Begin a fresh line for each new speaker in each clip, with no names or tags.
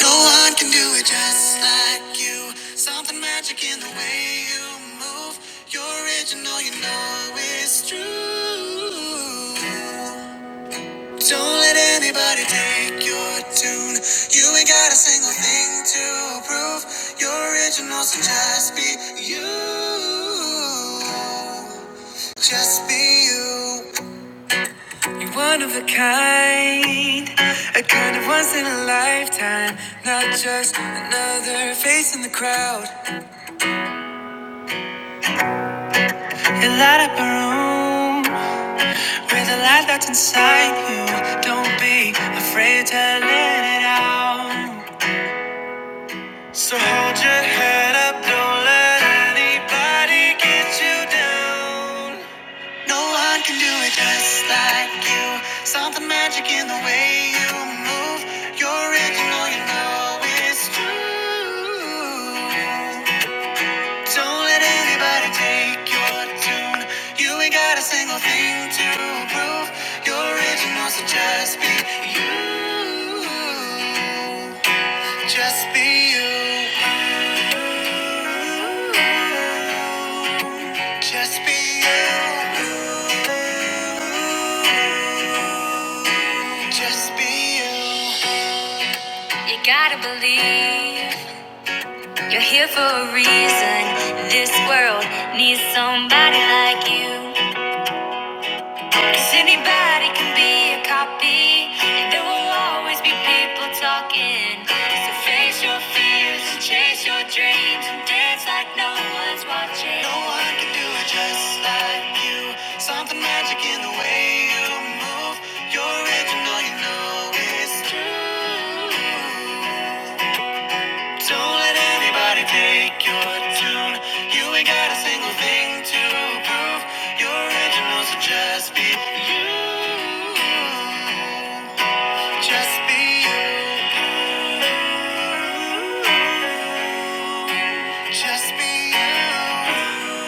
No one can do it just like you. Something magic in the way you move. You're original, you know it's true. Don't let anybody take your tune. You ain't got a single thing to prove. You're original, so just be you. Just be you. You're one of a kind, a kind of once in a lifetime, not just another face in the crowd. You light up a room with the light that's inside you. Don't be afraid to let it out. So hold your head up, don't let anybody get you down. No one can do it just like you. Something magic in the way you move. You're it, you know, you know it's true. Don't let anybody take your tune. You ain't got a single thing to prove. You're original, so just be you. Just be you. Just be you. Just be you. You gotta believe you're here for a reason. This world needs somebody like you. Cause anybody can be a copy, and there will always be people talking. So face your fears and chase your dreams and dance like no one's watching. No one can do it just like you. Something magic in the way you move. You're original, you know it's true. Don't let anybody take your tune. You ain't got a single thing to prove. You're original, so just be you. Just be you. Just be you.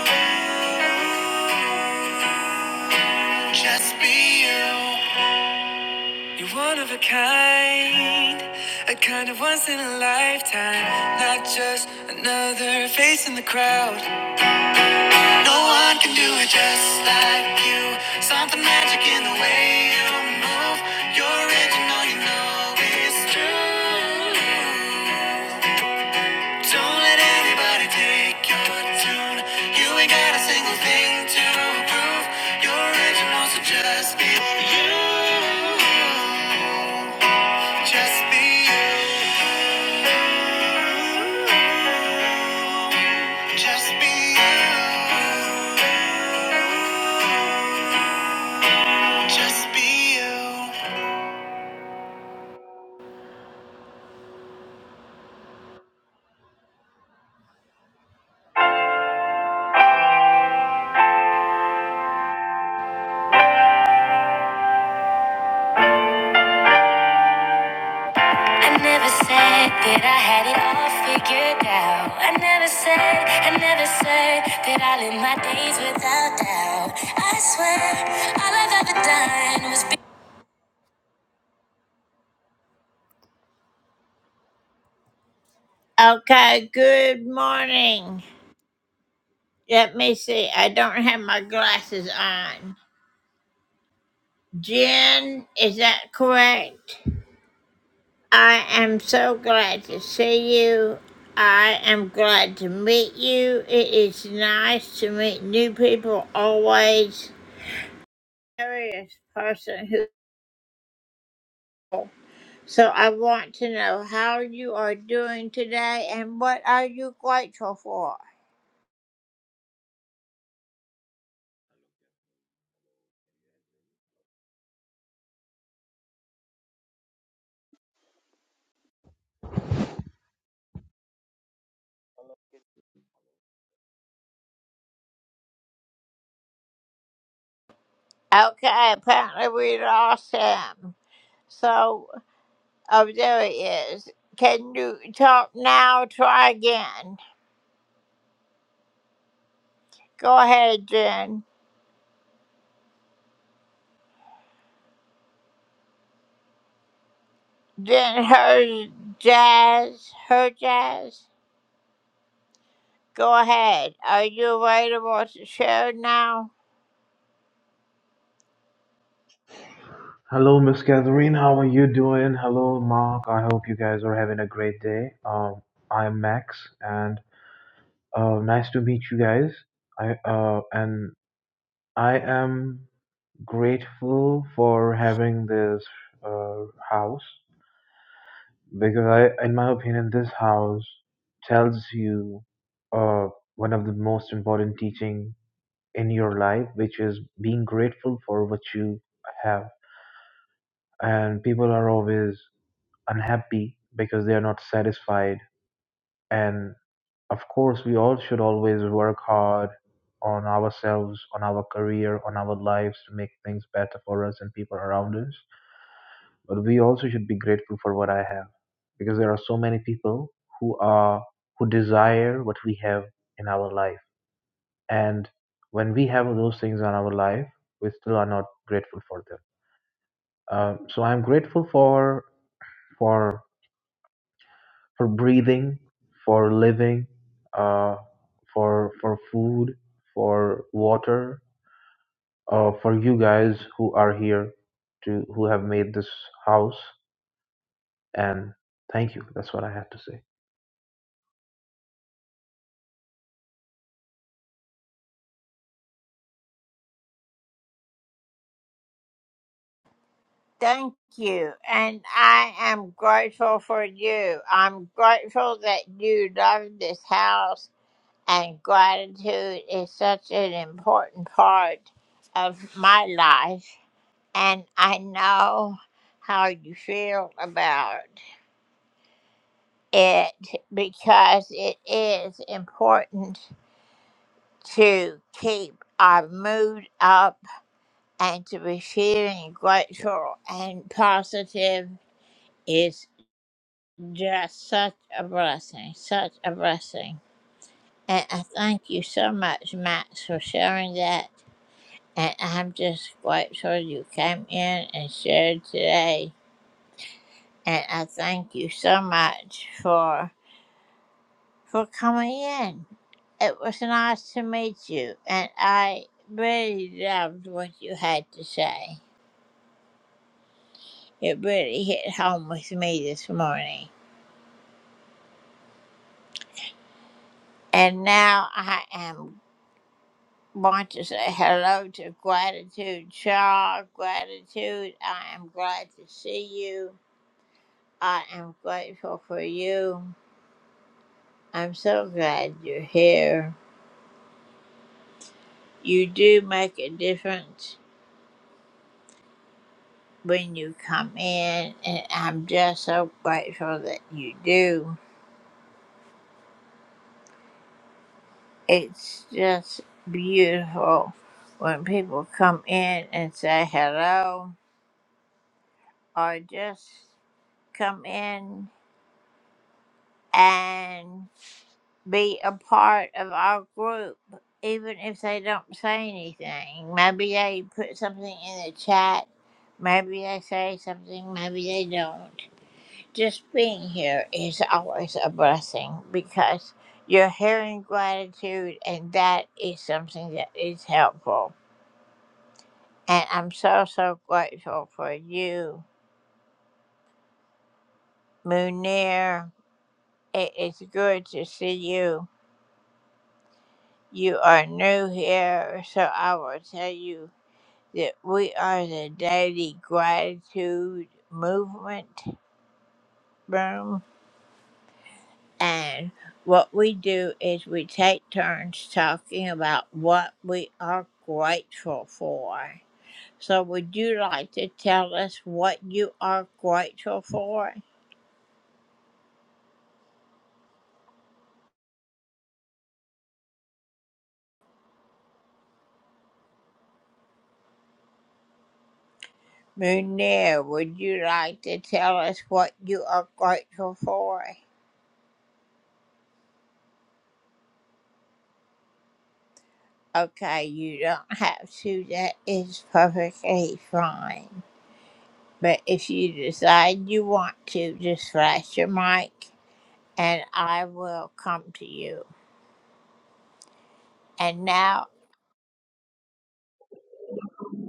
Just be you. You're one of a kind, a kind of once in a lifetime, not just another face in the crowd. No one can do it just like you. Something magic in the way you move. You're original, you know it's true. Don't let anybody take your tune. You ain't got a single thing to prove. You're original, so just be you. Just be you. Just be you. Just be you. I never said that I had it all figured out. I never said, I never said that I live my days without doubt. I swear, all I've ever done was.
Hello, Miss Catherine. How are you doing? Hello, Mark. I hope you guys are having a great day. Um, I'm Max, and uh, nice to meet you guys. I uh, and I am grateful for having this uh, house because I, in my opinion, this house tells you uh, one of the most important teaching in your life, which is being grateful for what you have. And people are always unhappy because they are not satisfied. And of course, we all should always work hard on ourselves, on our career, on our lives to make things better for us and people around us. But we also should be grateful for what I have because there are so many people who are who desire what we have in our life. And when we have those things in our life, we still are not grateful for them. Um, so I'm grateful for for for breathing, for living, uh, for for food, for water, uh, for you guys who are here, to who have made this house. And thank you. That's what I have to say.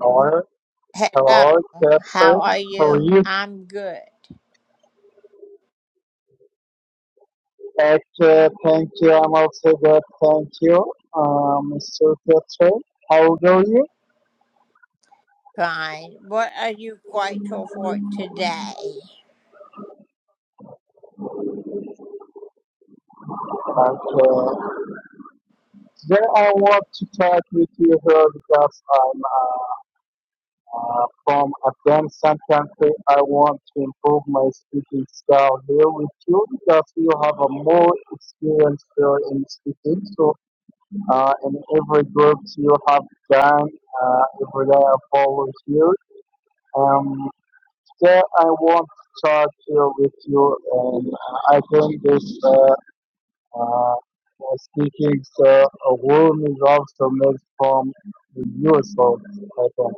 Noel Hello, Catherine. How are you? Okay, thank you. I'm also good. Thank you, um, Mr. Catherine. How are you? Okay. Today I want to talk with you here because I'm uh, uh, from Afghanistan country. I want to improve my speaking style here with you because you have a more experience here in speaking. So uh, in every group you have done, uh, every day I follow you Um, today I want to talk here with you, and I think this uh, uh, speaking uh, a woman is also made from the US, I think.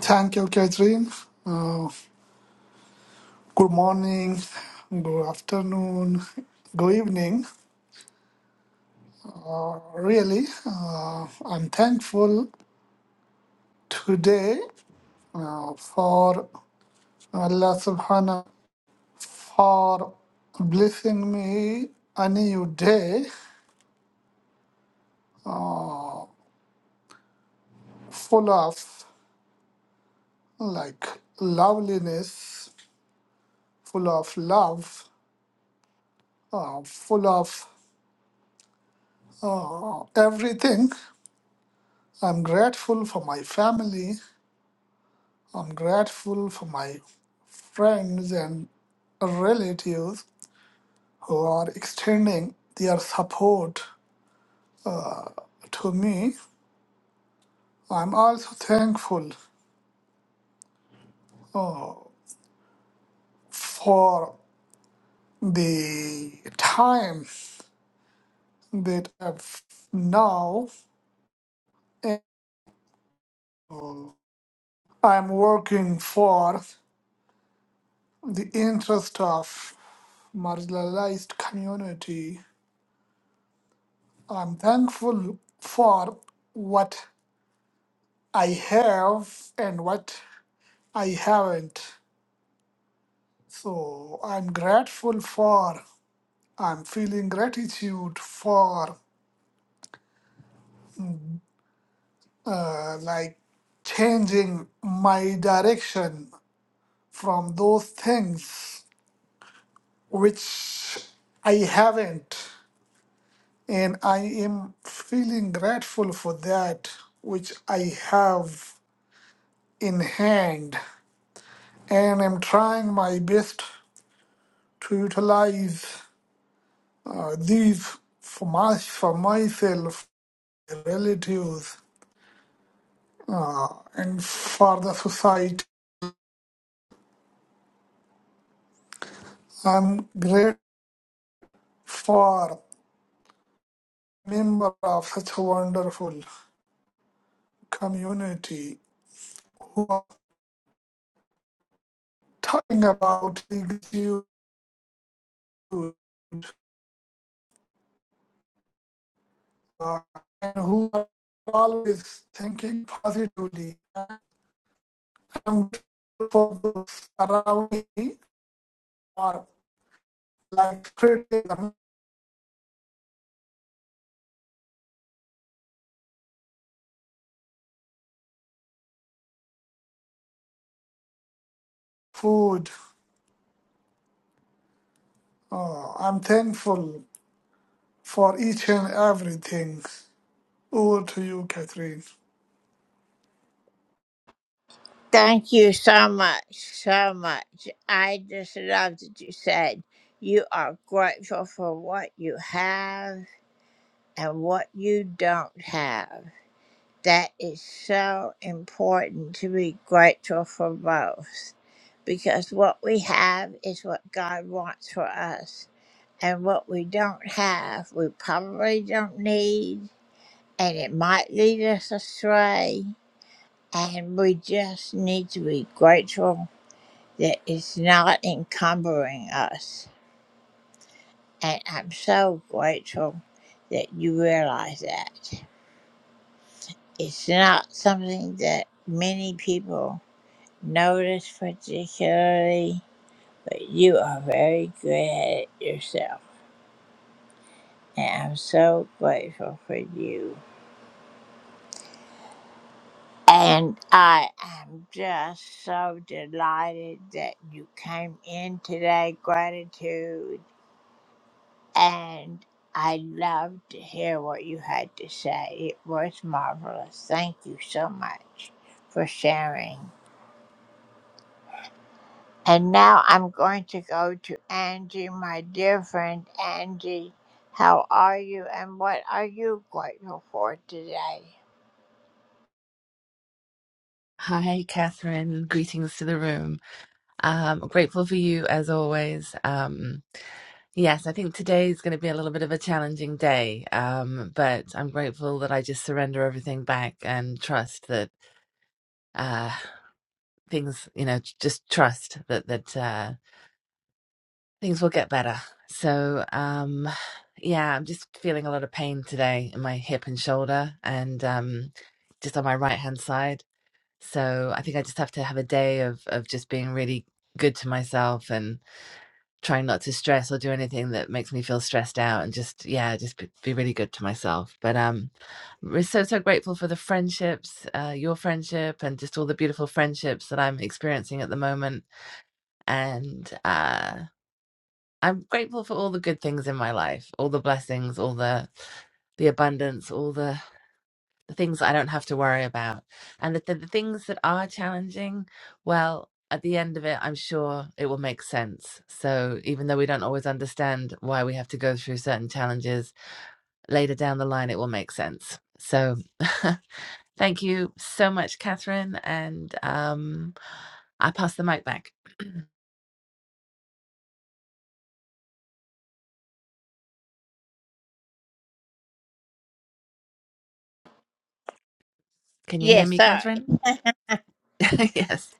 Thank you, Catherine. Uh, good morning, good afternoon, good evening. Really, uh, I'm thankful today uh, for Allah Subhanahu for blessing me a new day full of like loveliness, full of love, uh, full of everything. I'm grateful for my family. I'm grateful for my friends and relatives who are extending their support to me. I'm also thankful for the time that I've now and I'm working for the interest of marginalized community. I'm thankful for what I have and what I haven't. So I'm grateful for, I'm feeling gratitude for uh, like changing my direction from those things which I haven't. And I am feeling grateful for that which I have in hand. And I'm trying my best to utilize uh, these for, my, for myself relatives uh, and for the society. I'm grateful for member of such a wonderful community who are talking about gratitude uh, and who are always thinking positively. I'm grateful for those around me or like criticism, food. Uh, I'm thankful for each and everything. Over to you, Catherine.
Hi, Catherine. Greetings to the room. Um, grateful for you as always. Um, yes, I think today is going to be a little bit of a challenging day, um, but I'm grateful that I just surrender everything back and trust that uh, things, you know, j- just trust that that uh, things will get better. So, um, yeah, I'm just feeling a lot of pain today in my hip and shoulder, and um, just on my right hand side. So I think I just have to have a day of of just being really good to myself and trying not to stress or do anything that makes me feel stressed out and just yeah, just be, be really good to myself. But um we're so so grateful for the friendships, uh your friendship and just all the beautiful friendships that I'm experiencing at the moment and uh I'm grateful for all the good things in my life, all the blessings, all the the abundance, all the the things I don't have to worry about. And the, the, the things that are challenging, well, at the end of it, I'm sure it will make sense. So even though we don't always understand why we have to go through certain challenges, later down the line, it will make sense. So thank you so much, Catherine. And um, I pass the mic back. Can you hear me, Catherine? yes.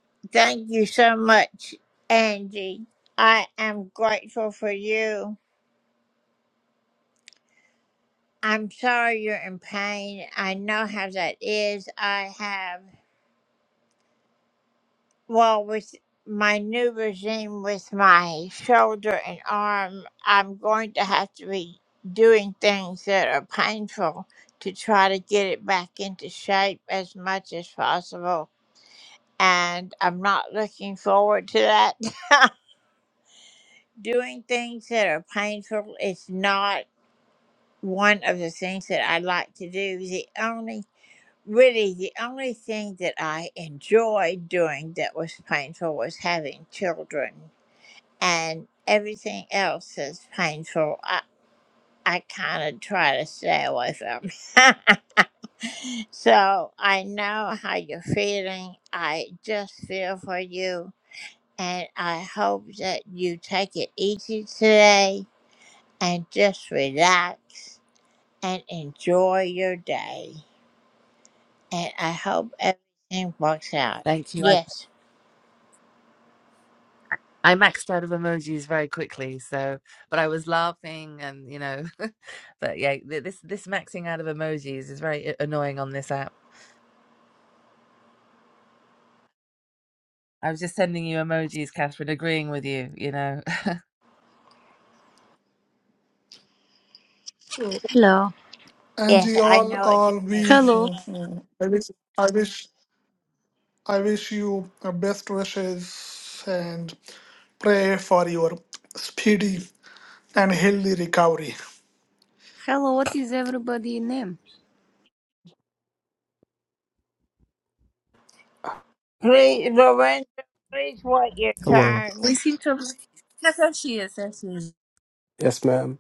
Thank you. I I maxed out of emojis very quickly, so but I was laughing and you know, but yeah, th- this this maxing out of emojis is very a- annoying on this app. I was just sending you emojis, Catherine, agreeing with you. You know,
So,
Hello.
Angie, all, all we.
Hello.
Mhm. I wish, I wish, I wish you the best wishes and pray for your speedy and healthy recovery.
Hello, what is everybody name?
Hello.
we seem to. Have... Yes, there she is. There she is.
Yes, ma'am.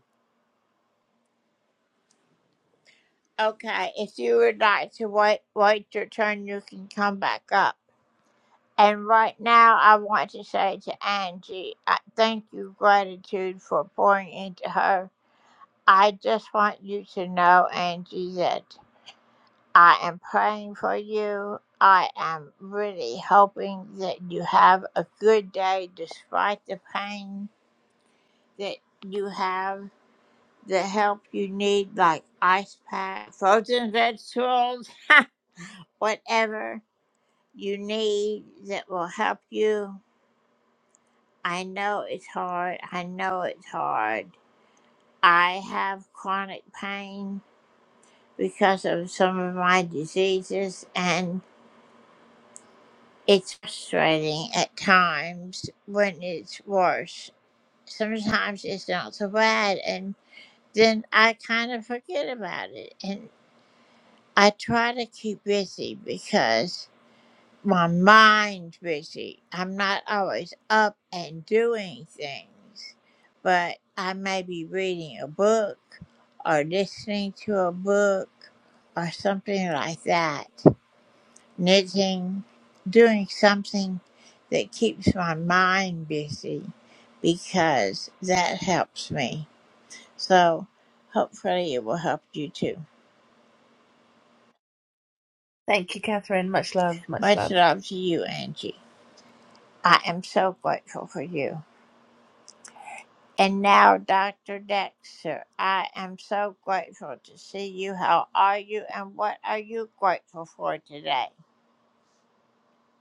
Thank you, Catherine. Much love. Much love.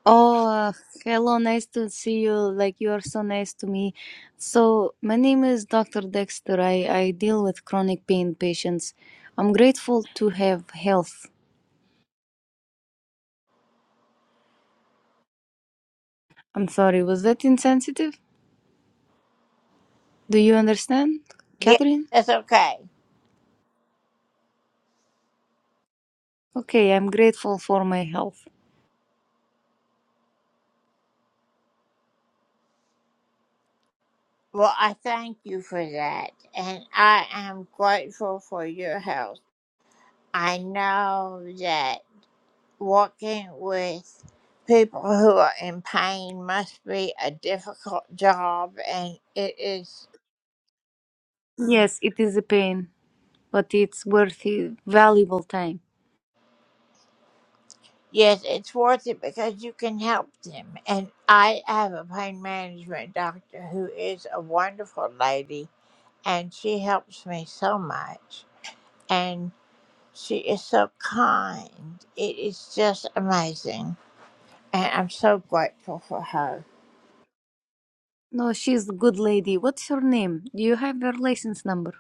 Oh, uh, hello. Nice to see you. Like, you are so nice to me. So, my name is Dr. Dexter. I, I deal with chronic pain patients. I'm grateful to have health. I'm sorry, was that insensitive? Do you understand, Catherine? Okay, I'm grateful for my health. Yes, it is a pain, but it's worth it. Valuable time. No, she's a good lady. What's her name? Do you have her license number?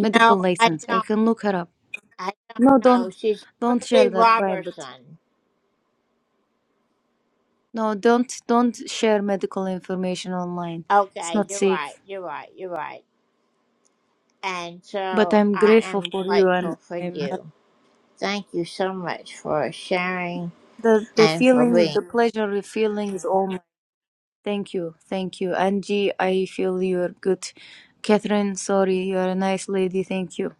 medical license. I can look her up. No, don't don't share that private. No, don't don't share medical information online. It's not safe. But I'm grateful for you and I'm happy. The the feeling the pleasure feeling is all mine. Thank you. Thank you. Angie, I feel you're good. Catherine, sorry, you're a nice lady, thank you.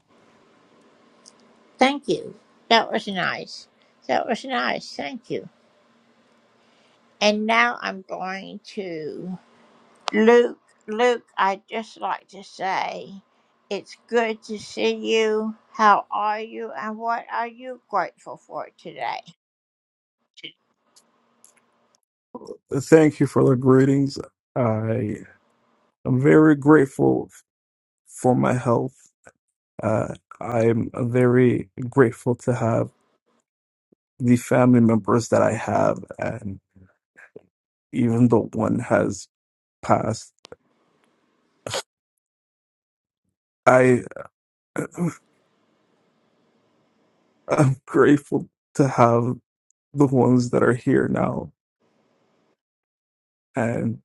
Thank you for the greetings. I am very grateful for my health. Uh, I am very grateful to have the family members that I have, and even though one has passed, I am grateful to have the ones that are here now, and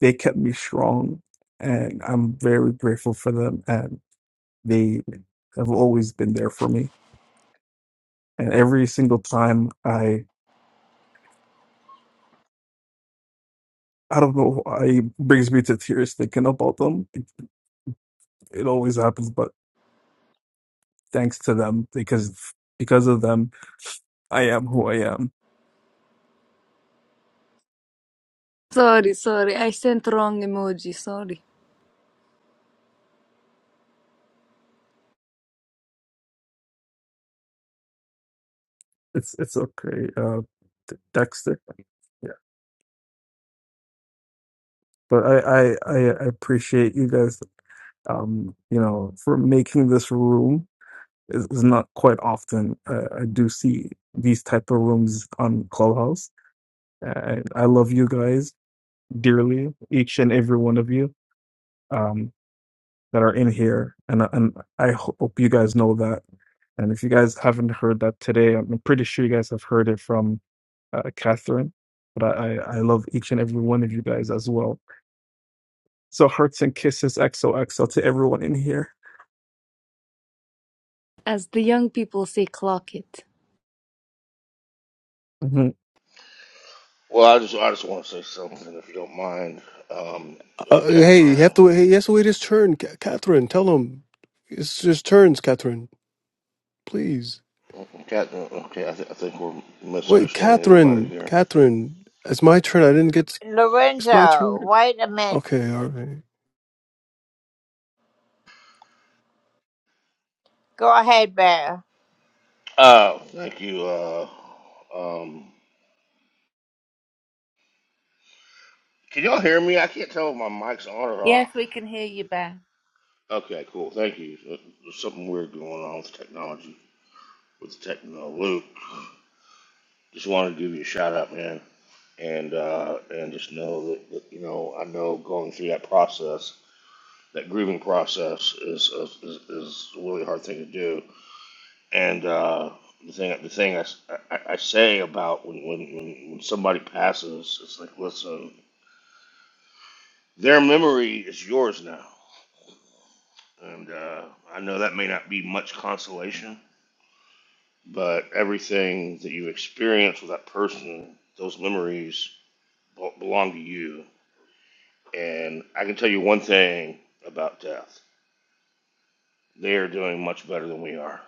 they kept me strong, and I'm very grateful for them, and they have always been there for me. And every single time I I don't know why it brings me to tears thinking about them. It, it always happens, but thanks to them because because of them, I am who I am.
Sorry, sorry, I sent wrong emoji, sorry.
It's it's okay, uh, D- Dexter. Yeah, but I, I I I appreciate you guys. Um, you know, for making this room is, is not quite often. I, I do see these type of rooms on Clubhouse. I, I love you guys dearly, each and every one of you um, that are in here, and and I hope you guys know that. And if you guys haven't heard that today, I'm pretty sure you guys have heard it from uh, Catherine. But I, I I love each and every one of you guys as well. So hearts and kisses, XOXO to everyone in here.
As the young people say clock it.
Mhm.
Well, I just I just want to say something, if you don't mind, um,
Uh,
uh,
hey, you have
Catherine.
to wait. Hey, he has to wait his turn. Ca Catherine, tell him it's his turns. Catherine, please
Catherine, okay, I, th- I think we're
wait.
misunderstanding everybody
Catherine,
here.
Catherine, it's my turn. I didn't get. It's my turn. Okay, all right.
Uh, thank you. Uh, um, can y'all hear me? I can't tell if my mic's on or
Yes,
off.
we can hear you, Beth.
Okay, cool. Thank you. Uh, There's something weird going on with technology, with the techno. Luke, just wanted to give you a shout out, man, and uh, and just know that, that you know I know going through that process that grooming process is is, is a really hard thing to do. And uh, the thing the thing I I I say about when, when when when somebody passes, it's like listen, their memory is yours now, and uh, I know that may not be much consolation, but everything that you experience with that person, those memories bel- belong to you. And I can tell you one thing about death: they are doing much better than we are.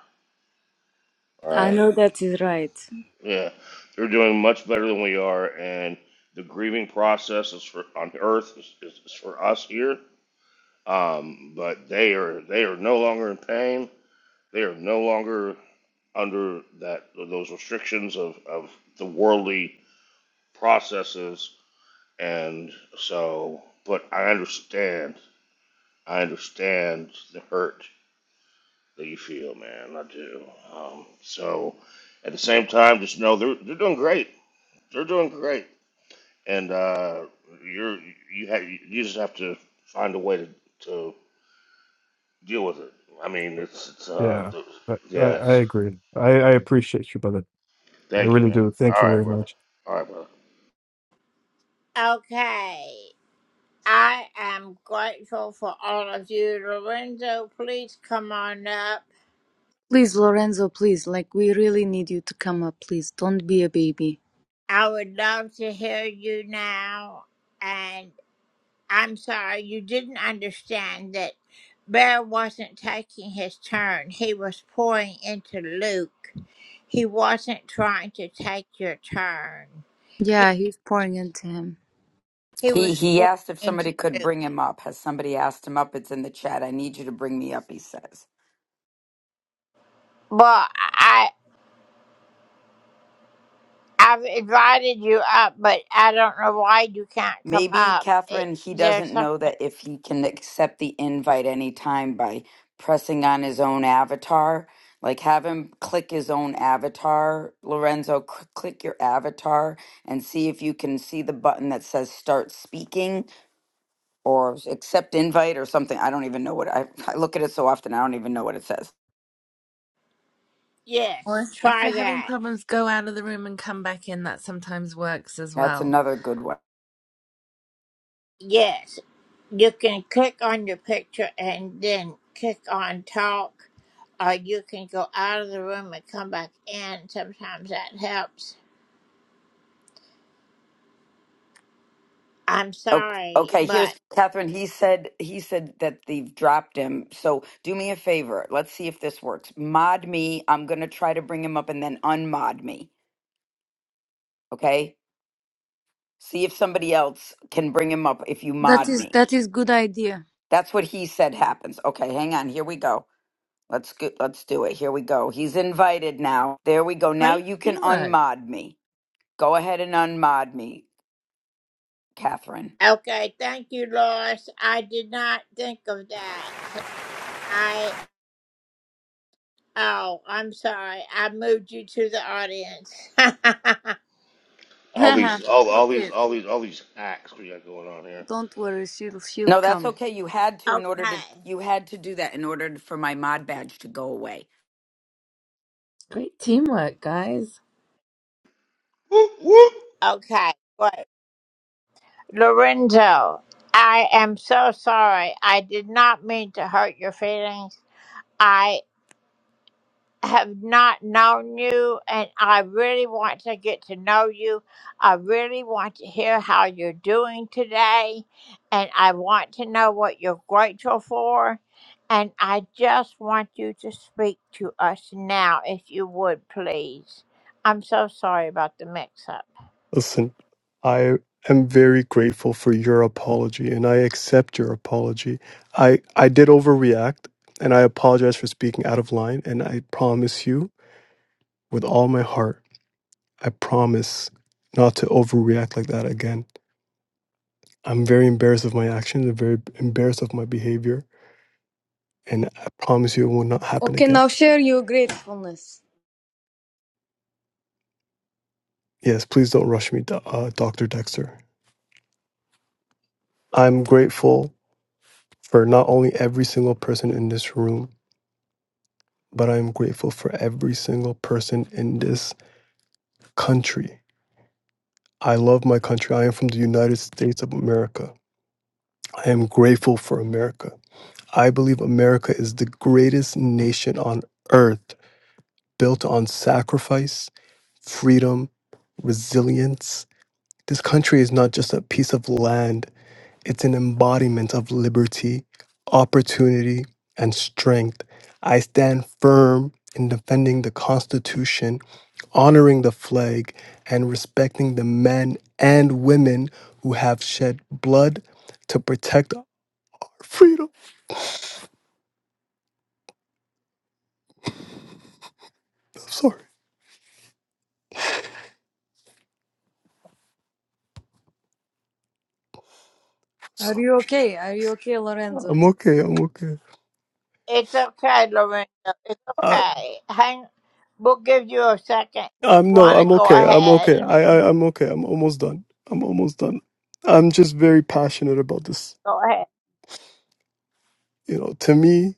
All
I
right
know that is right.
Yeah, they're doing much better than we are, and the grieving process is for on Earth is, is, is for us here. Um, but they are they are no longer in pain. They are no longer under that those restrictions of, of the worldly processes, and so. But I understand. I understand the hurt that you feel, man. I do. Um, so, at the same time, just know they're they're doing great. They're doing great and uh, you're you have you just have to find a way to, to deal with it. I mean, it's it's uh
Yeah,
the,
I, I I
yes.
agree. I, I appreciate you, brother. I
Thank you,
really
man.
do. Thank
All
you
right,
very
brother.
much.
All right, brother.
Please, Lorenzo, please, like we really need you to come up, please. Don't be a baby. Yeah, he's pouring into him.
He he asked if somebody could bring him up. Has somebody asked him up? It's in the chat. I need you to bring me up, he says. Maybe, Catherine, he doesn't know that if he can accept the invite anytime by pressing on his own avatar, like have him click his own avatar. Lorenzo, c- click your avatar and see if you can see the button that says start speaking or accept invite or something. I don't even know what I, I look at it so often, I don't even know what it says.
Or if, if you're having problems, go out of the room and come back in. That sometimes works as
That's
well.
another good one. Okay, okay, here's Catherine. He said he said that they've dropped him. So do me a favor. Let's see if this works. Mod me. I'm gonna try to bring him up and then unmod me. Okay? See if somebody else can bring him up if you
That
mod
is
me.
that is good idea.
That's what he said happens. Okay, hang on. Here we go. Let's go, let's do it. Here we go. He's invited now. There we go. Now
Great
you can
teamwork.
unmod me. Go ahead and unmod me, Catherine.
All these all all these
okay.
all these all these hacks we got going on here.
Don't worry, she'll she'll
No, that's
come.
okay. You had to in order to you had to do that in order for my mod badge to go away.
Great teamwork, guys.
Whoop whoop.
Listen, I am very grateful for your apology, and I accept your apology. I I did overreact, and I apologize for speaking out of line. And I promise you, with all my heart, I promise not to overreact like that again. I'm very embarrassed of my actions. I'm very embarrassed of my behavior. And I promise you it will not happen
Okay,
again.
now share your gratefulness.
Yes, please don't rush me, Do- uh, Dr. Dexter. I'm grateful for not only every single person in this room, but I'm grateful for every single person in this country. I love my country. I am from the United States of America. I am grateful for America. I believe America is the greatest nation on earth. built on sacrifice, freedom, resilience. This country is not just a piece of land, it's an embodiment of liberty, opportunity, and strength. I stand firm in defending the Constitution, honoring the flag, and respecting the men and women who have shed blood to protect our freedom. I'm sorry. I'm
Are
sorry.
you okay? Are you okay, Lorenzo?
I'm okay. I'm okay. I, Um, no, I'm okay. I'm okay. I, I, I'm okay. I'm almost done. I'm almost done. I'm just very passionate about this. You know, to me,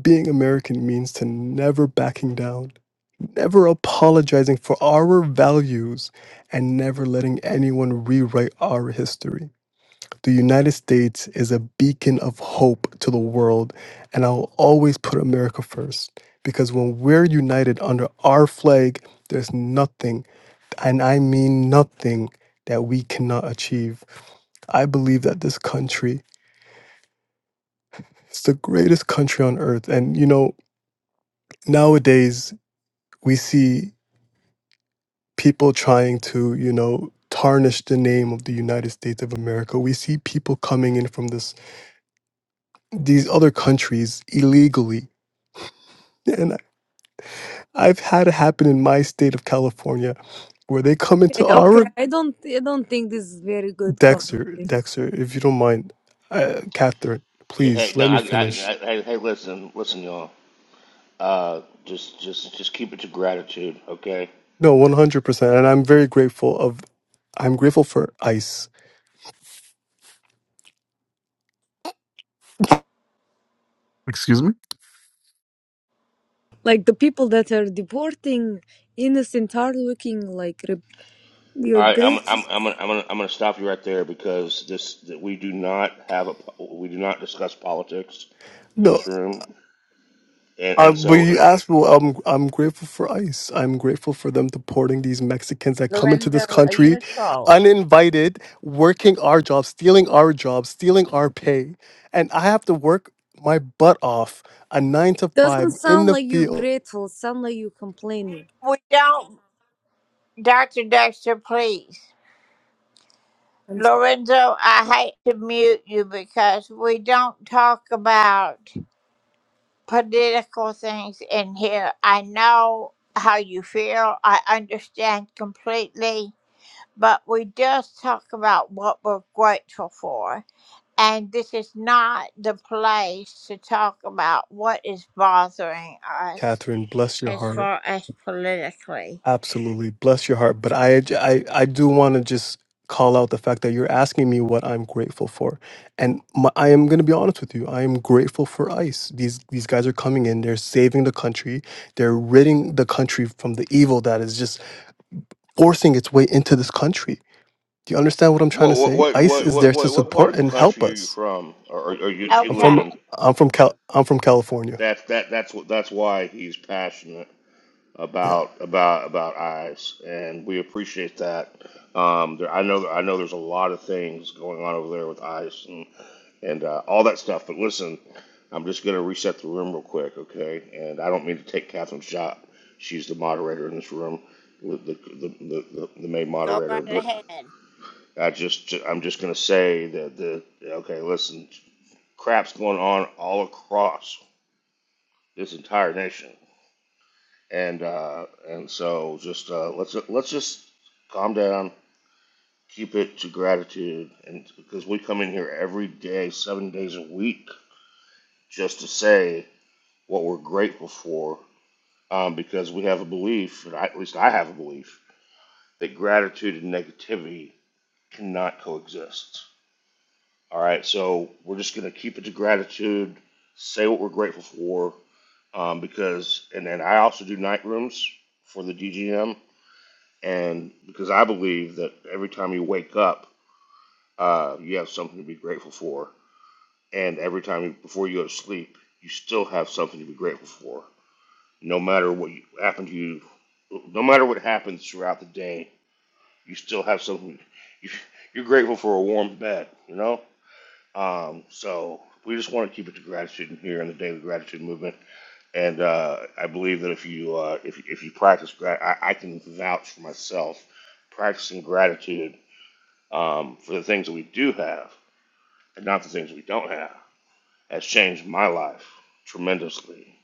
being American means to never backing down, never apologizing for our values, and never letting anyone rewrite our history. The United States is a beacon of hope to the world, and I'll always put America first because when we're united under our flag, there's nothing and I mean nothing that we cannot achieve. I believe that this country is the greatest country on earth. And, you know, nowadays we see people trying to, you know, tarnish the name of the United States of America. We see people coming in from this these other countries illegally. And I've had it happen in my state of California where they come into
Okay, okay.
our
I don't I don't think this is very good
Dexter,
conversation.
Dexter, if you don't mind, uh, Catherine,
Yeah, hey,
please
no,
let me
I, I,
finish.
I hey, hey, listen, listen, y'all. Uh, just just just keep it to gratitude, okay?
No, one hundred percent, and I'm very grateful of. I'm grateful for ice.
Excuse me?
Like the people that are deporting innocent are looking like re-
All
you're
right, I'm
grateful.
I'm I'm gonna, I'm gonna I'm gonna stop you right there because this that we do not have a po- we do not discuss politics in
No,
this room. And,
uh,
and
but
so,
you
uh,
asked me. Well, I'm I'm grateful for ice. I'm grateful for them deporting these Mexicans that come into this
Lorenzo, are you
country,
a troll?
uninvited, working our jobs, stealing our jobs, stealing our pay, and I have to work my butt off a nine to
Doesn't
five in
sound
the
like you're
field.
grateful, sound like you're complaining.
Catherine, bless your heart. Absolutely. Bless your heart. But I, I, I do want to just call out the fact that you're asking me what I'm grateful for. And my, I am going to be honest with you. I am grateful for ICE. These, these guys are coming in. They're saving the country. They're ridding the country from the evil that is just forcing its way into this country. Do you understand what I'm trying to
what
say?
what what
ICE
what
is
what
there to
what what part
support
of the
and help
country are you
us.
from, or, or, or you you
I'm from,
live in?
I'm from, Cal, I'm from California.
That's that that's what that's why he's passionate
Yeah.
about about about eyes, and we appreciate that. Um, there, I know I know there's a lot of things going on over there with eyes and and uh, all that stuff. But listen, I'm just gonna reset the room real quick, okay? And I don't mean to take Catherine's job. She's the moderator in this room, the the the, the, the main moderator, but. I just I'm just gonna say that the okay, listen, crap's going on all across this entire nation, and uh, and so just uh, let's let's just calm down, keep it to gratitude, and because we come in here every day, seven days a week, just to say what we're grateful for, um, because we have a belief, and I, at least I have a belief that gratitude and negativity cannot coexist. All right, so we're just gonna keep it to gratitude, say what we're grateful for, um, because, and then I also do night rooms for the DGM, and because I believe that every time you wake up, uh, you have something to be grateful for, and every time you, before you go to sleep, you still have something to be grateful for, no matter what you, happened to you, no matter what happens throughout the day, you still have something. You, you're grateful for a warm bed, you know. Um, so we just want to keep it to gratitude in here in the daily gratitude movement. And uh, I believe that if you uh, if if you practice grat, I, I can vouch for myself practicing gratitude um, for the things that we do have and not the things we don't have has changed my life tremendously.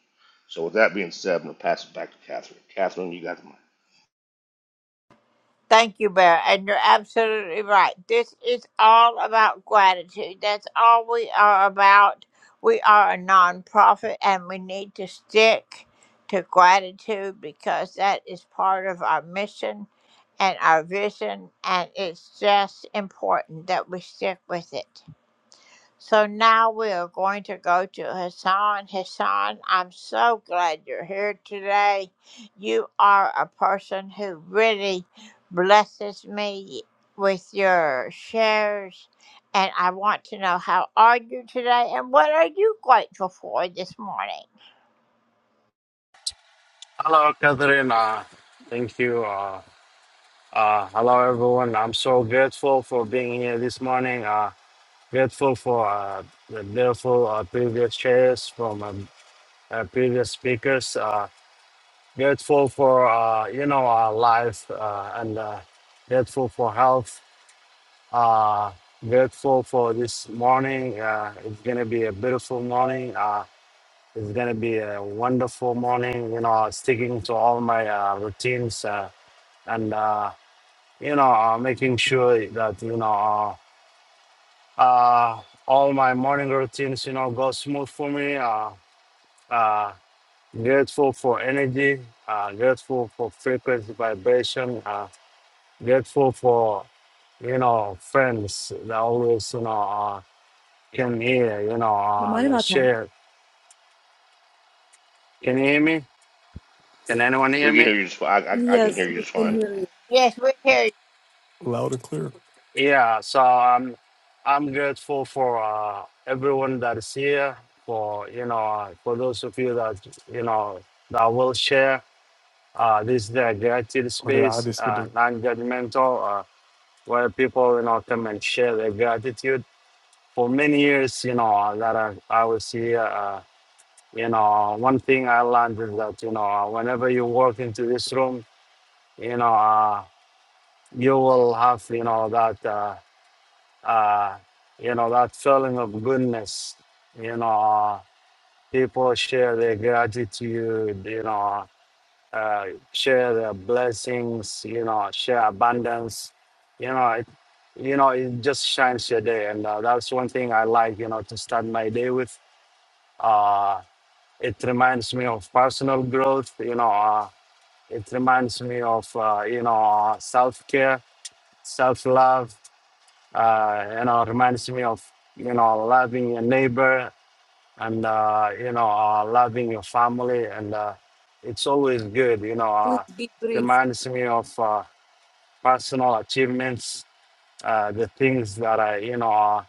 So with that being said, I'm gonna pass it back to Catherine. Catherine, you got the mic.
Hello, Catherine. Uh, thank you. Uh, uh, hello, everyone. I'm so grateful for being here this morning. Uh, grateful for uh, the beautiful uh, previous shares from um, uh, previous speakers. Uh, grateful for uh, you know our life uh, and uh, grateful for health. Uh, grateful for this morning. Uh, it's gonna be a beautiful morning. Uh, it's going to be a wonderful morning, you know, sticking to all my uh, routines uh, and, uh, you know, uh, making sure that, you know, uh, uh, all my morning routines, you know, go smooth for me. Uh, uh, grateful for energy, uh, grateful for frequency vibration, uh, grateful for, you know, friends that always, you know, uh, can hear, you know, uh,
Kamal
that
Matai.
share. Can you hear me? Can anyone hear
We can
me?
hear you just fine. I, I, I can
Yes,
hear you
we
just
can
fine.
hear you.
Loud and clear.
Yeah, so I'm I'm grateful for uh, everyone that is here. For you know, uh, for those of you that you know that will share. Uh, this is the gratitude
Or did I
space,
just did it?
uh, non-judgmental, uh, where people you know come and share their gratitude. For many years, you know uh, that I, I was here. Uh, you know, uh, one thing I learned is that you know uh, whenever you walk into this room, you know uh, you will have you know that. Uh, uh, you know, that feeling of goodness. You know, uh, people share their gratitude, you know, uh, share their blessings, you know, share abundance. You know, it, you know, it just shines your day. And uh, that's one thing I like, you know, to start my day with. Uh, it reminds me of personal growth, you know, uh, it reminds me of, uh, you know, uh, self care, self love uh, you know, reminds me of, you know, loving your neighbor and, uh, you know, uh, loving your family. And uh, it's always good, you know, uh,
Please be brief.
reminds me of uh, personal achievements, uh, the things that I, you know, uh,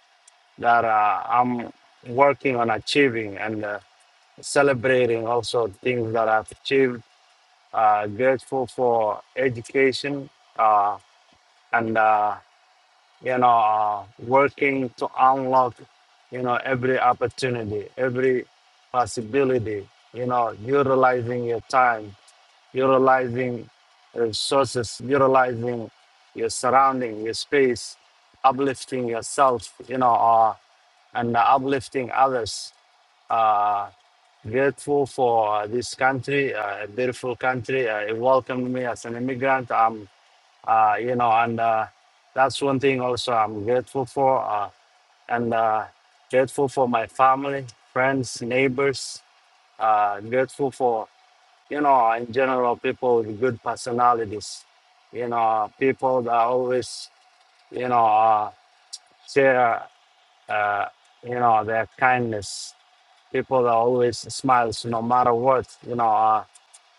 that uh, I'm working on achieving and uh, celebrating also things that I've achieved. Uh, grateful for education uh, and uh, you know, uh, working to unlock, you know, every opportunity, every possibility, you know, utilizing your time, utilizing resources, utilizing your surrounding, your space, uplifting yourself, you know, uh, and uplifting others. Uh, grateful for uh, this country, uh, a beautiful country. Uh, it welcomed me as an immigrant. I'm uh, you know, and uh, that's one thing also I'm grateful for, uh, and uh, grateful for my family, friends, neighbors, uh, grateful for, you know, in general, people with good personalities, you know, people that always, you know, uh, share, uh, you know, their kindness, people that always smiles no matter what, you know, uh,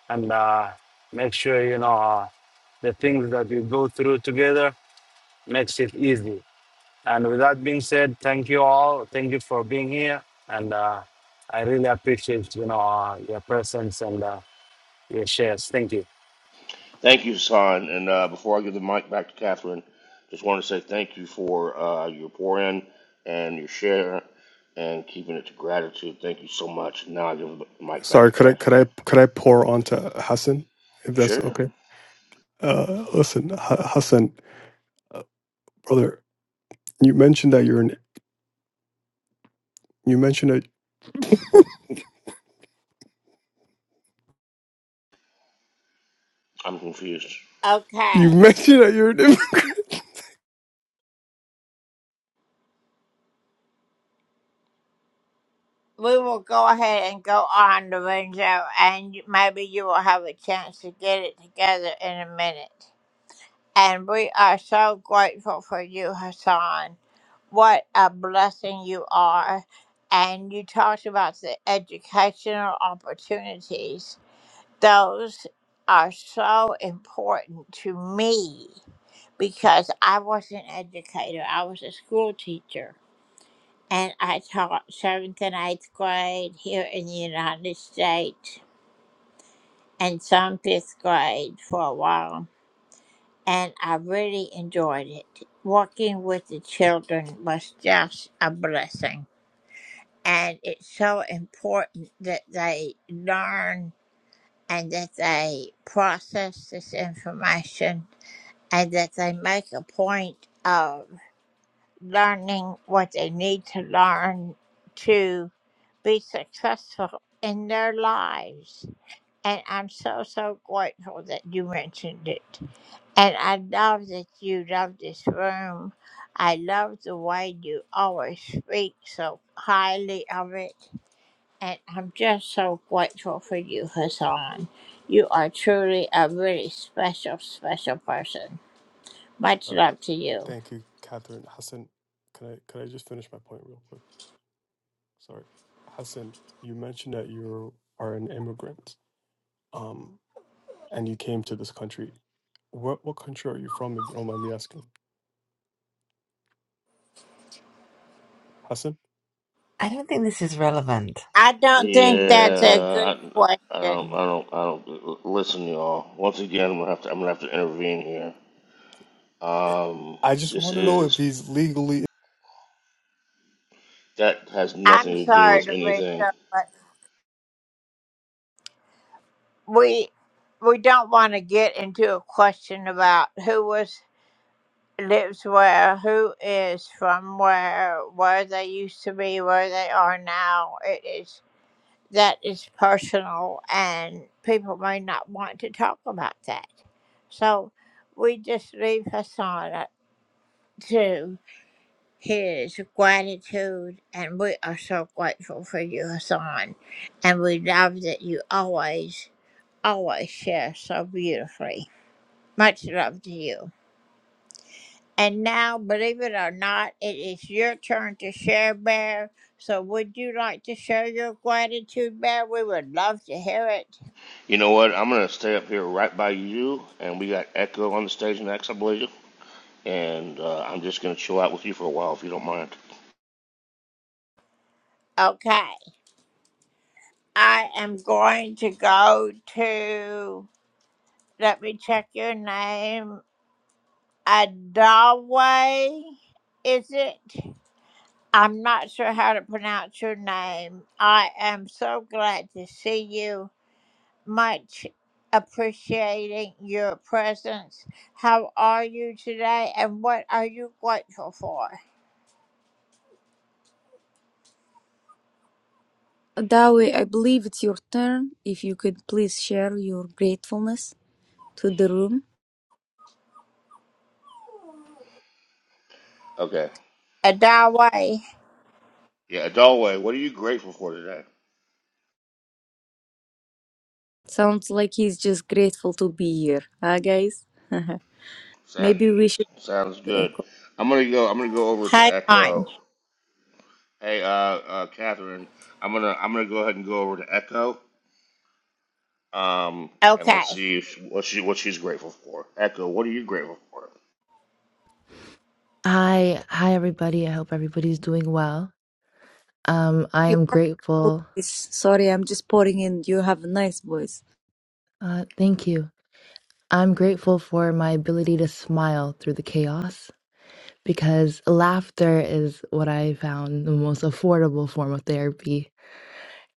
and uh, make sure, you know, uh, the things that we go through together makes it easy And with that being said, thank you all. Thank you for being here, and uh, I really appreciate you know uh, your presence and uh, your shares. Thank you.
Thank you, Hassan. And uh, before I give the mic back to Catherine, just want to say thank you for uh, your pour in and your share and keeping it to gratitude. Thank you so much. Now I give the mic back
Sorry,
to
could I could
Catherine.
I could I pour onto Hassan if that's
Sure.
okay? Uh, listen, Ha Hassan, uh, brother, you mentioned that you're an you mentioned that
I'm confused.
you mentioned that you're an immigrant. Sorry, thank you, Catherine Hassan. can I can I just finish my point real quick? Sorry, Hassan, you mentioned that you are an immigrant, um, and you came to this country. What what country are you from? If you don't mind me asking, Hassan.
I don't think this is relevant.
Yeah, I, I don't, I don't, I don't. Listen, y'all. Once again, I'm gonna have to, I'm gonna have to intervene here.
I
Um,
I just
this
want to know if
is
he's legally
that has nothing to do with anything. You know what? I'm gonna stay up here right by you, and we got Echo on the stage next, I believe. And uh, I'm just gonna chill out with you for a while, if you don't mind.
Dawi, I believe it's your turn. If you could please share your gratefulness to the room.
Okay. Yeah, Adalway, what are you grateful for today?
Sounds like he's just grateful to be here, huh, guys?
That
Maybe we should
sounds
do
good.
echo.
I'm gonna go. I'm gonna go over to Echo. Hey, uh, uh, Catherine, I'm gonna I'm gonna go ahead and go over to Echo. Um, and let's see if she, what she what she's grateful for. Echo, what are you grateful for?
Hi, hi everybody. I hope everybody's doing well. Um, I
You
am
have a
grateful.
voice. Sorry, I'm just pouring in. You have a nice voice.
Uh, thank you. I'm grateful for my ability to smile through the chaos because laughter is what I found the most affordable form of therapy.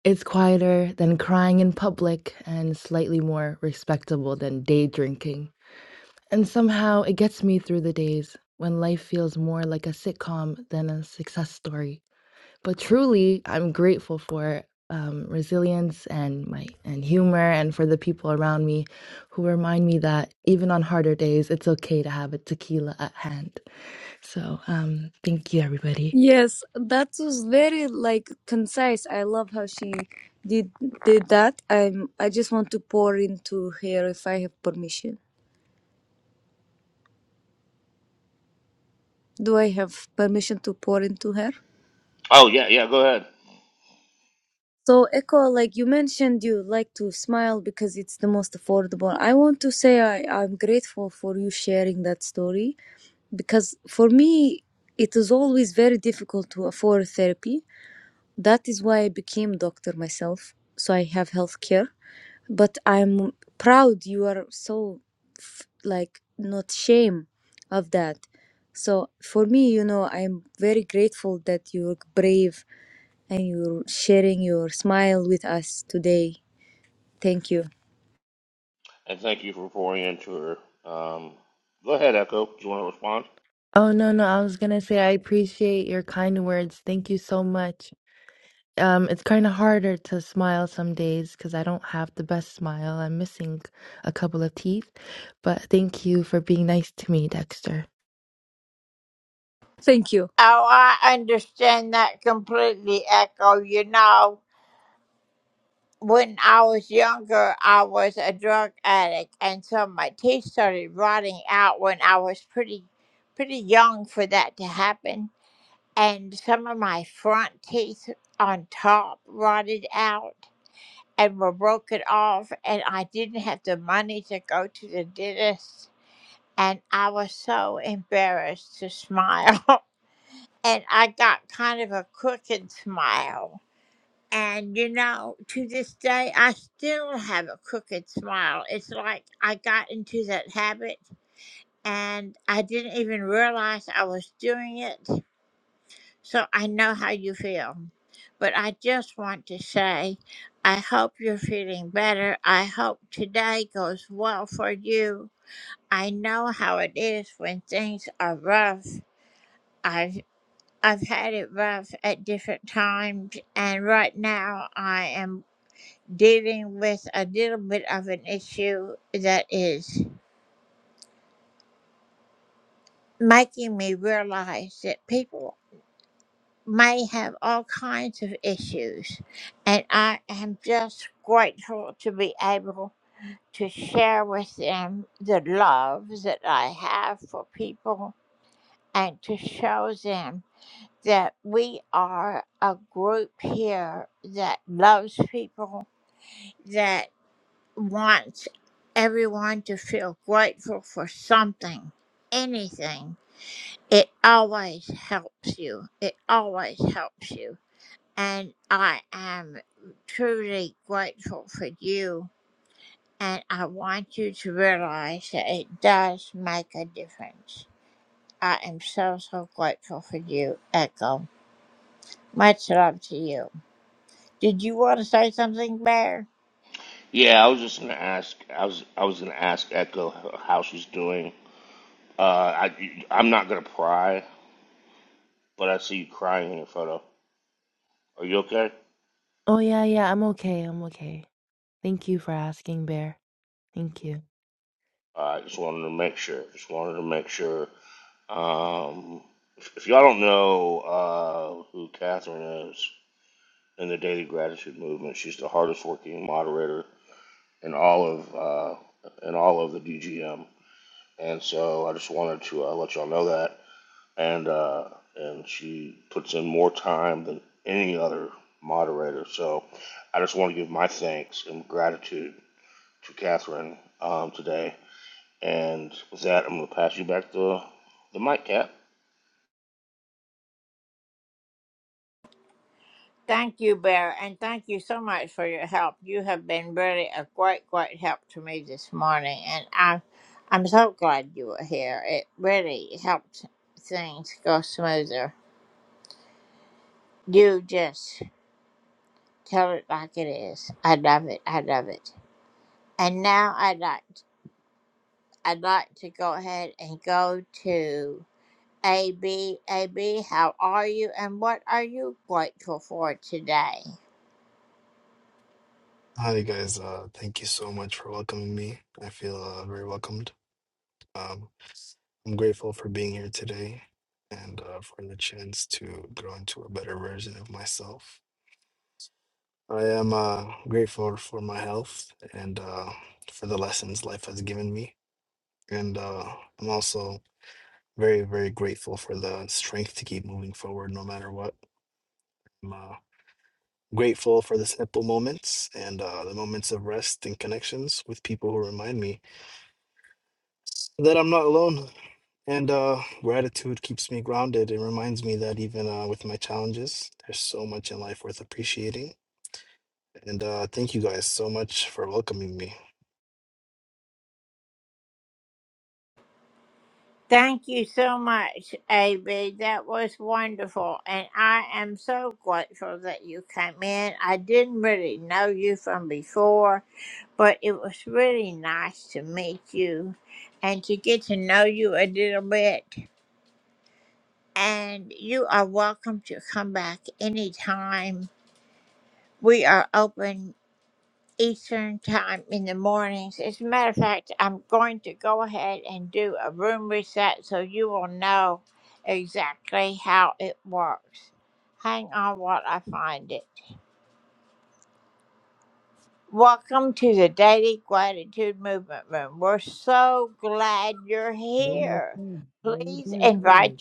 It's quieter than crying in public and slightly more respectable than day drinking. And somehow it gets me through the days when life feels more like a sitcom than a success story. but truly i'm grateful for um, resilience and my and humor and for the people around me who remind me that even on harder days it's okay to have a tequila at hand so um thank you everybody
Yes, that was very like concise. I love how she did did that. I'm. I just want to pour into her if I have permission. Do I have permission to pour into her?
Oh yeah, yeah. Go ahead.
So, Echo, like you mentioned, you like to smile because it's the most affordable. I want to say I, I'm grateful for you sharing that story because for me, it is always very difficult to afford therapy. That is why I became doctor myself, so I have health care. But I'm proud you are so f- like not shame of that. So for me, you know, I'm very grateful that you're brave and you're sharing your smile with us today. Thank you.
And thank you for pouring into her. Um, go ahead, Echo. Do you want to respond?
oh no no i was gonna say i appreciate your kind words thank you so much um it's kind of harder to smile some days because i don't have the best smile i'm missing a couple of teeth but thank you for being nice to me dexter
Thank you.
Yeah, I was just gonna ask. I was I was gonna ask Echo how she's doing. Uh, I I'm not gonna pry, but I see you crying in your photo. Are you okay?
oh yeah yeah i'm okay i'm okay Thank you for asking, Bear. Thank you.
Uh, I just wanted to make sure. Just wanted to make sure. Um, if, if y'all don't know uh, who Catherine is in the Daily Gratitude Movement, she's the hardest working moderator in all of uh, in all of the DGM. And so I just wanted to uh, let y'all know that. and uh, and she puts in more time than any other moderator. So I just want to give my thanks and gratitude to Catherine um, today. And with that, I'm going to pass you back the the mic, Cat.
Hi guys, uh, thank you so much for welcoming me. I feel uh, very welcomed. Um, I'm grateful for being here today and uh, for the chance to grow into a better version of myself. I am uh, grateful for my health and uh, for the lessons life has given me. And uh, I'm also very, very grateful for the strength to keep moving forward no matter what. I'm uh, grateful for the simple moments and uh, the moments of rest and connections with people who remind me that I'm not alone And uh, gratitude keeps me grounded. It reminds me that even uh, with my challenges, there's so much in life worth appreciating. And uh, thank you guys so much for welcoming me.
Hello, my friend. How are you doing today?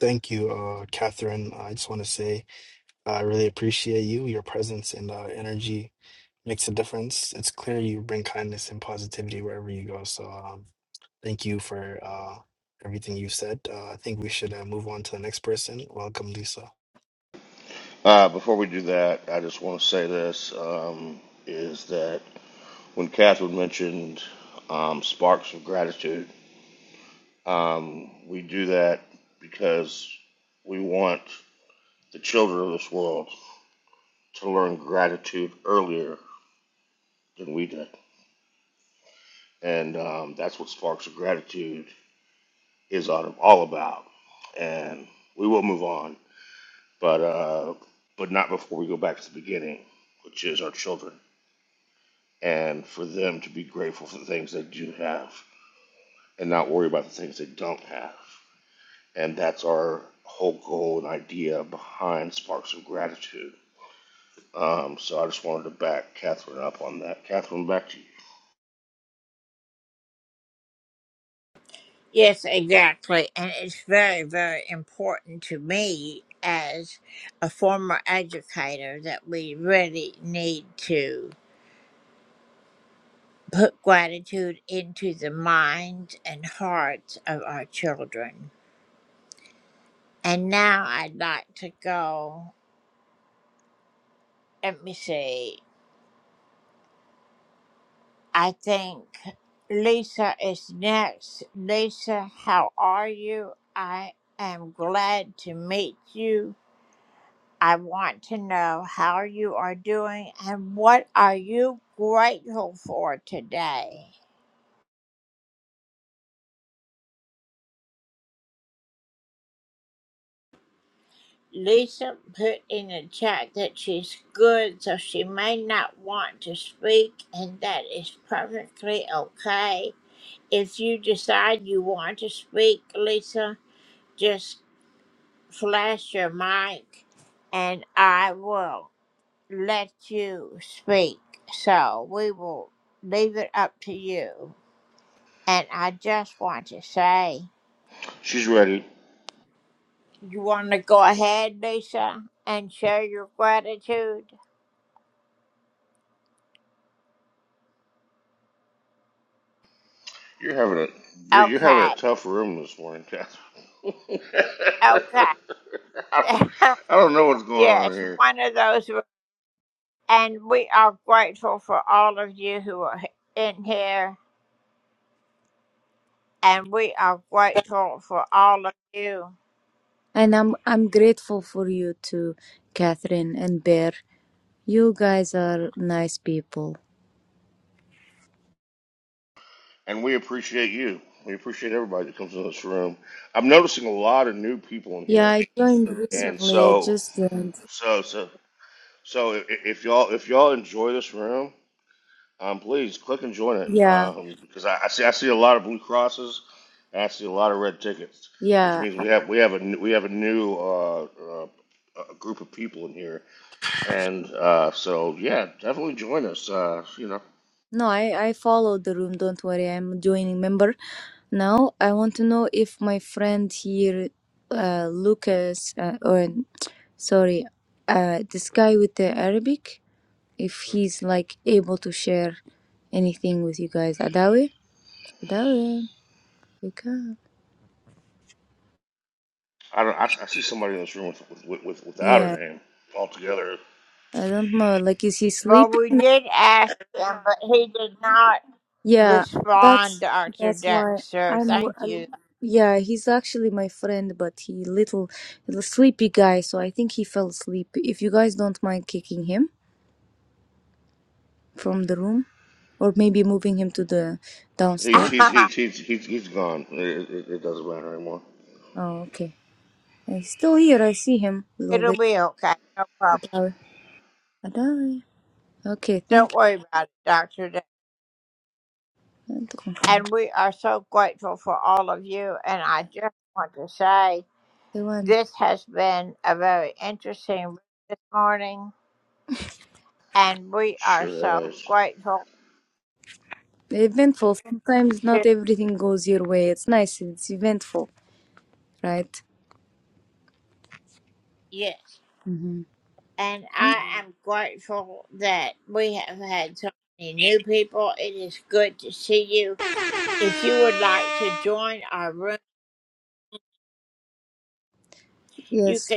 Thank you, uh, Catherine. I just want to say I really appreciate you. Your presence and uh, energy makes a difference. It's clear you bring kindness and positivity wherever you go. So um, thank you for uh, everything you said. Uh, I think we should uh, move on to the next person. Welcome, Lisa.
Uh, before we do that, I just want to say this um, is that when Catherine mentioned um, sparks of gratitude, um, we do that because we want the children of this world to learn gratitude earlier than we did. And um, that's what Sparks of Gratitude is all about. And we will move on, but uh, but not before we go back to the beginning, which is our children, and for them to be grateful for the things they do have, and not worry about the things they don't have. And that's our whole goal and idea behind Sparks of Gratitude. Um, so I just wanted to back Catherine up on that. Catherine, back to you. She's ready. You're having a you're, you're having a tough room this morning, Catherine. I, don't, I don't know what's going on in here.
And I'm I'm grateful for you too, Catherine and Bear. You guys are nice people.
And we appreciate you. We appreciate everybody that comes in this room. I'm noticing a lot of new people in
Yeah,
here,
I joined
and
recently. I
so
just joined.
so so so i- if y'all if y'all enjoy this room, um, please click and join it
Yeah,
um, because I, I see I see a lot of blue crosses and I see a lot of red tickets, which
yeah.
means we have we have a new- we have a new uh, uh, a group of people in here, and uh, so yeah, definitely join us. Uh, you know.
No, I I follow the room. Don't worry. I'm joining member now. I want to know if my friend here, uh, Lucas, uh, or sorry, uh, this guy with the Arabic. if he's like able to share anything with you guys. Adawi, Adawi, wake up.
I don't. I, I see somebody in this room with with, with without a
Yeah,
name altogether.
I don't know. Like, is he sleeping? Yeah, that's that's why I'm. wo- I'm yeah, he's actually my friend, but he little, little sleepy guy. So I think he fell asleep. If you guys don't mind kicking him from the room, or maybe moving him to the
He's
downstairs.
he's he's he's he's, he's gone. It, it, it doesn't matter anymore.
Oh, okay. He's still here. I see him a little bit. Adawi, Adawi. Okay, thank you. The one.
Sure has.
Eventful. Sometimes not everything goes your way. It's nice. It's eventful, right? hmm Yes.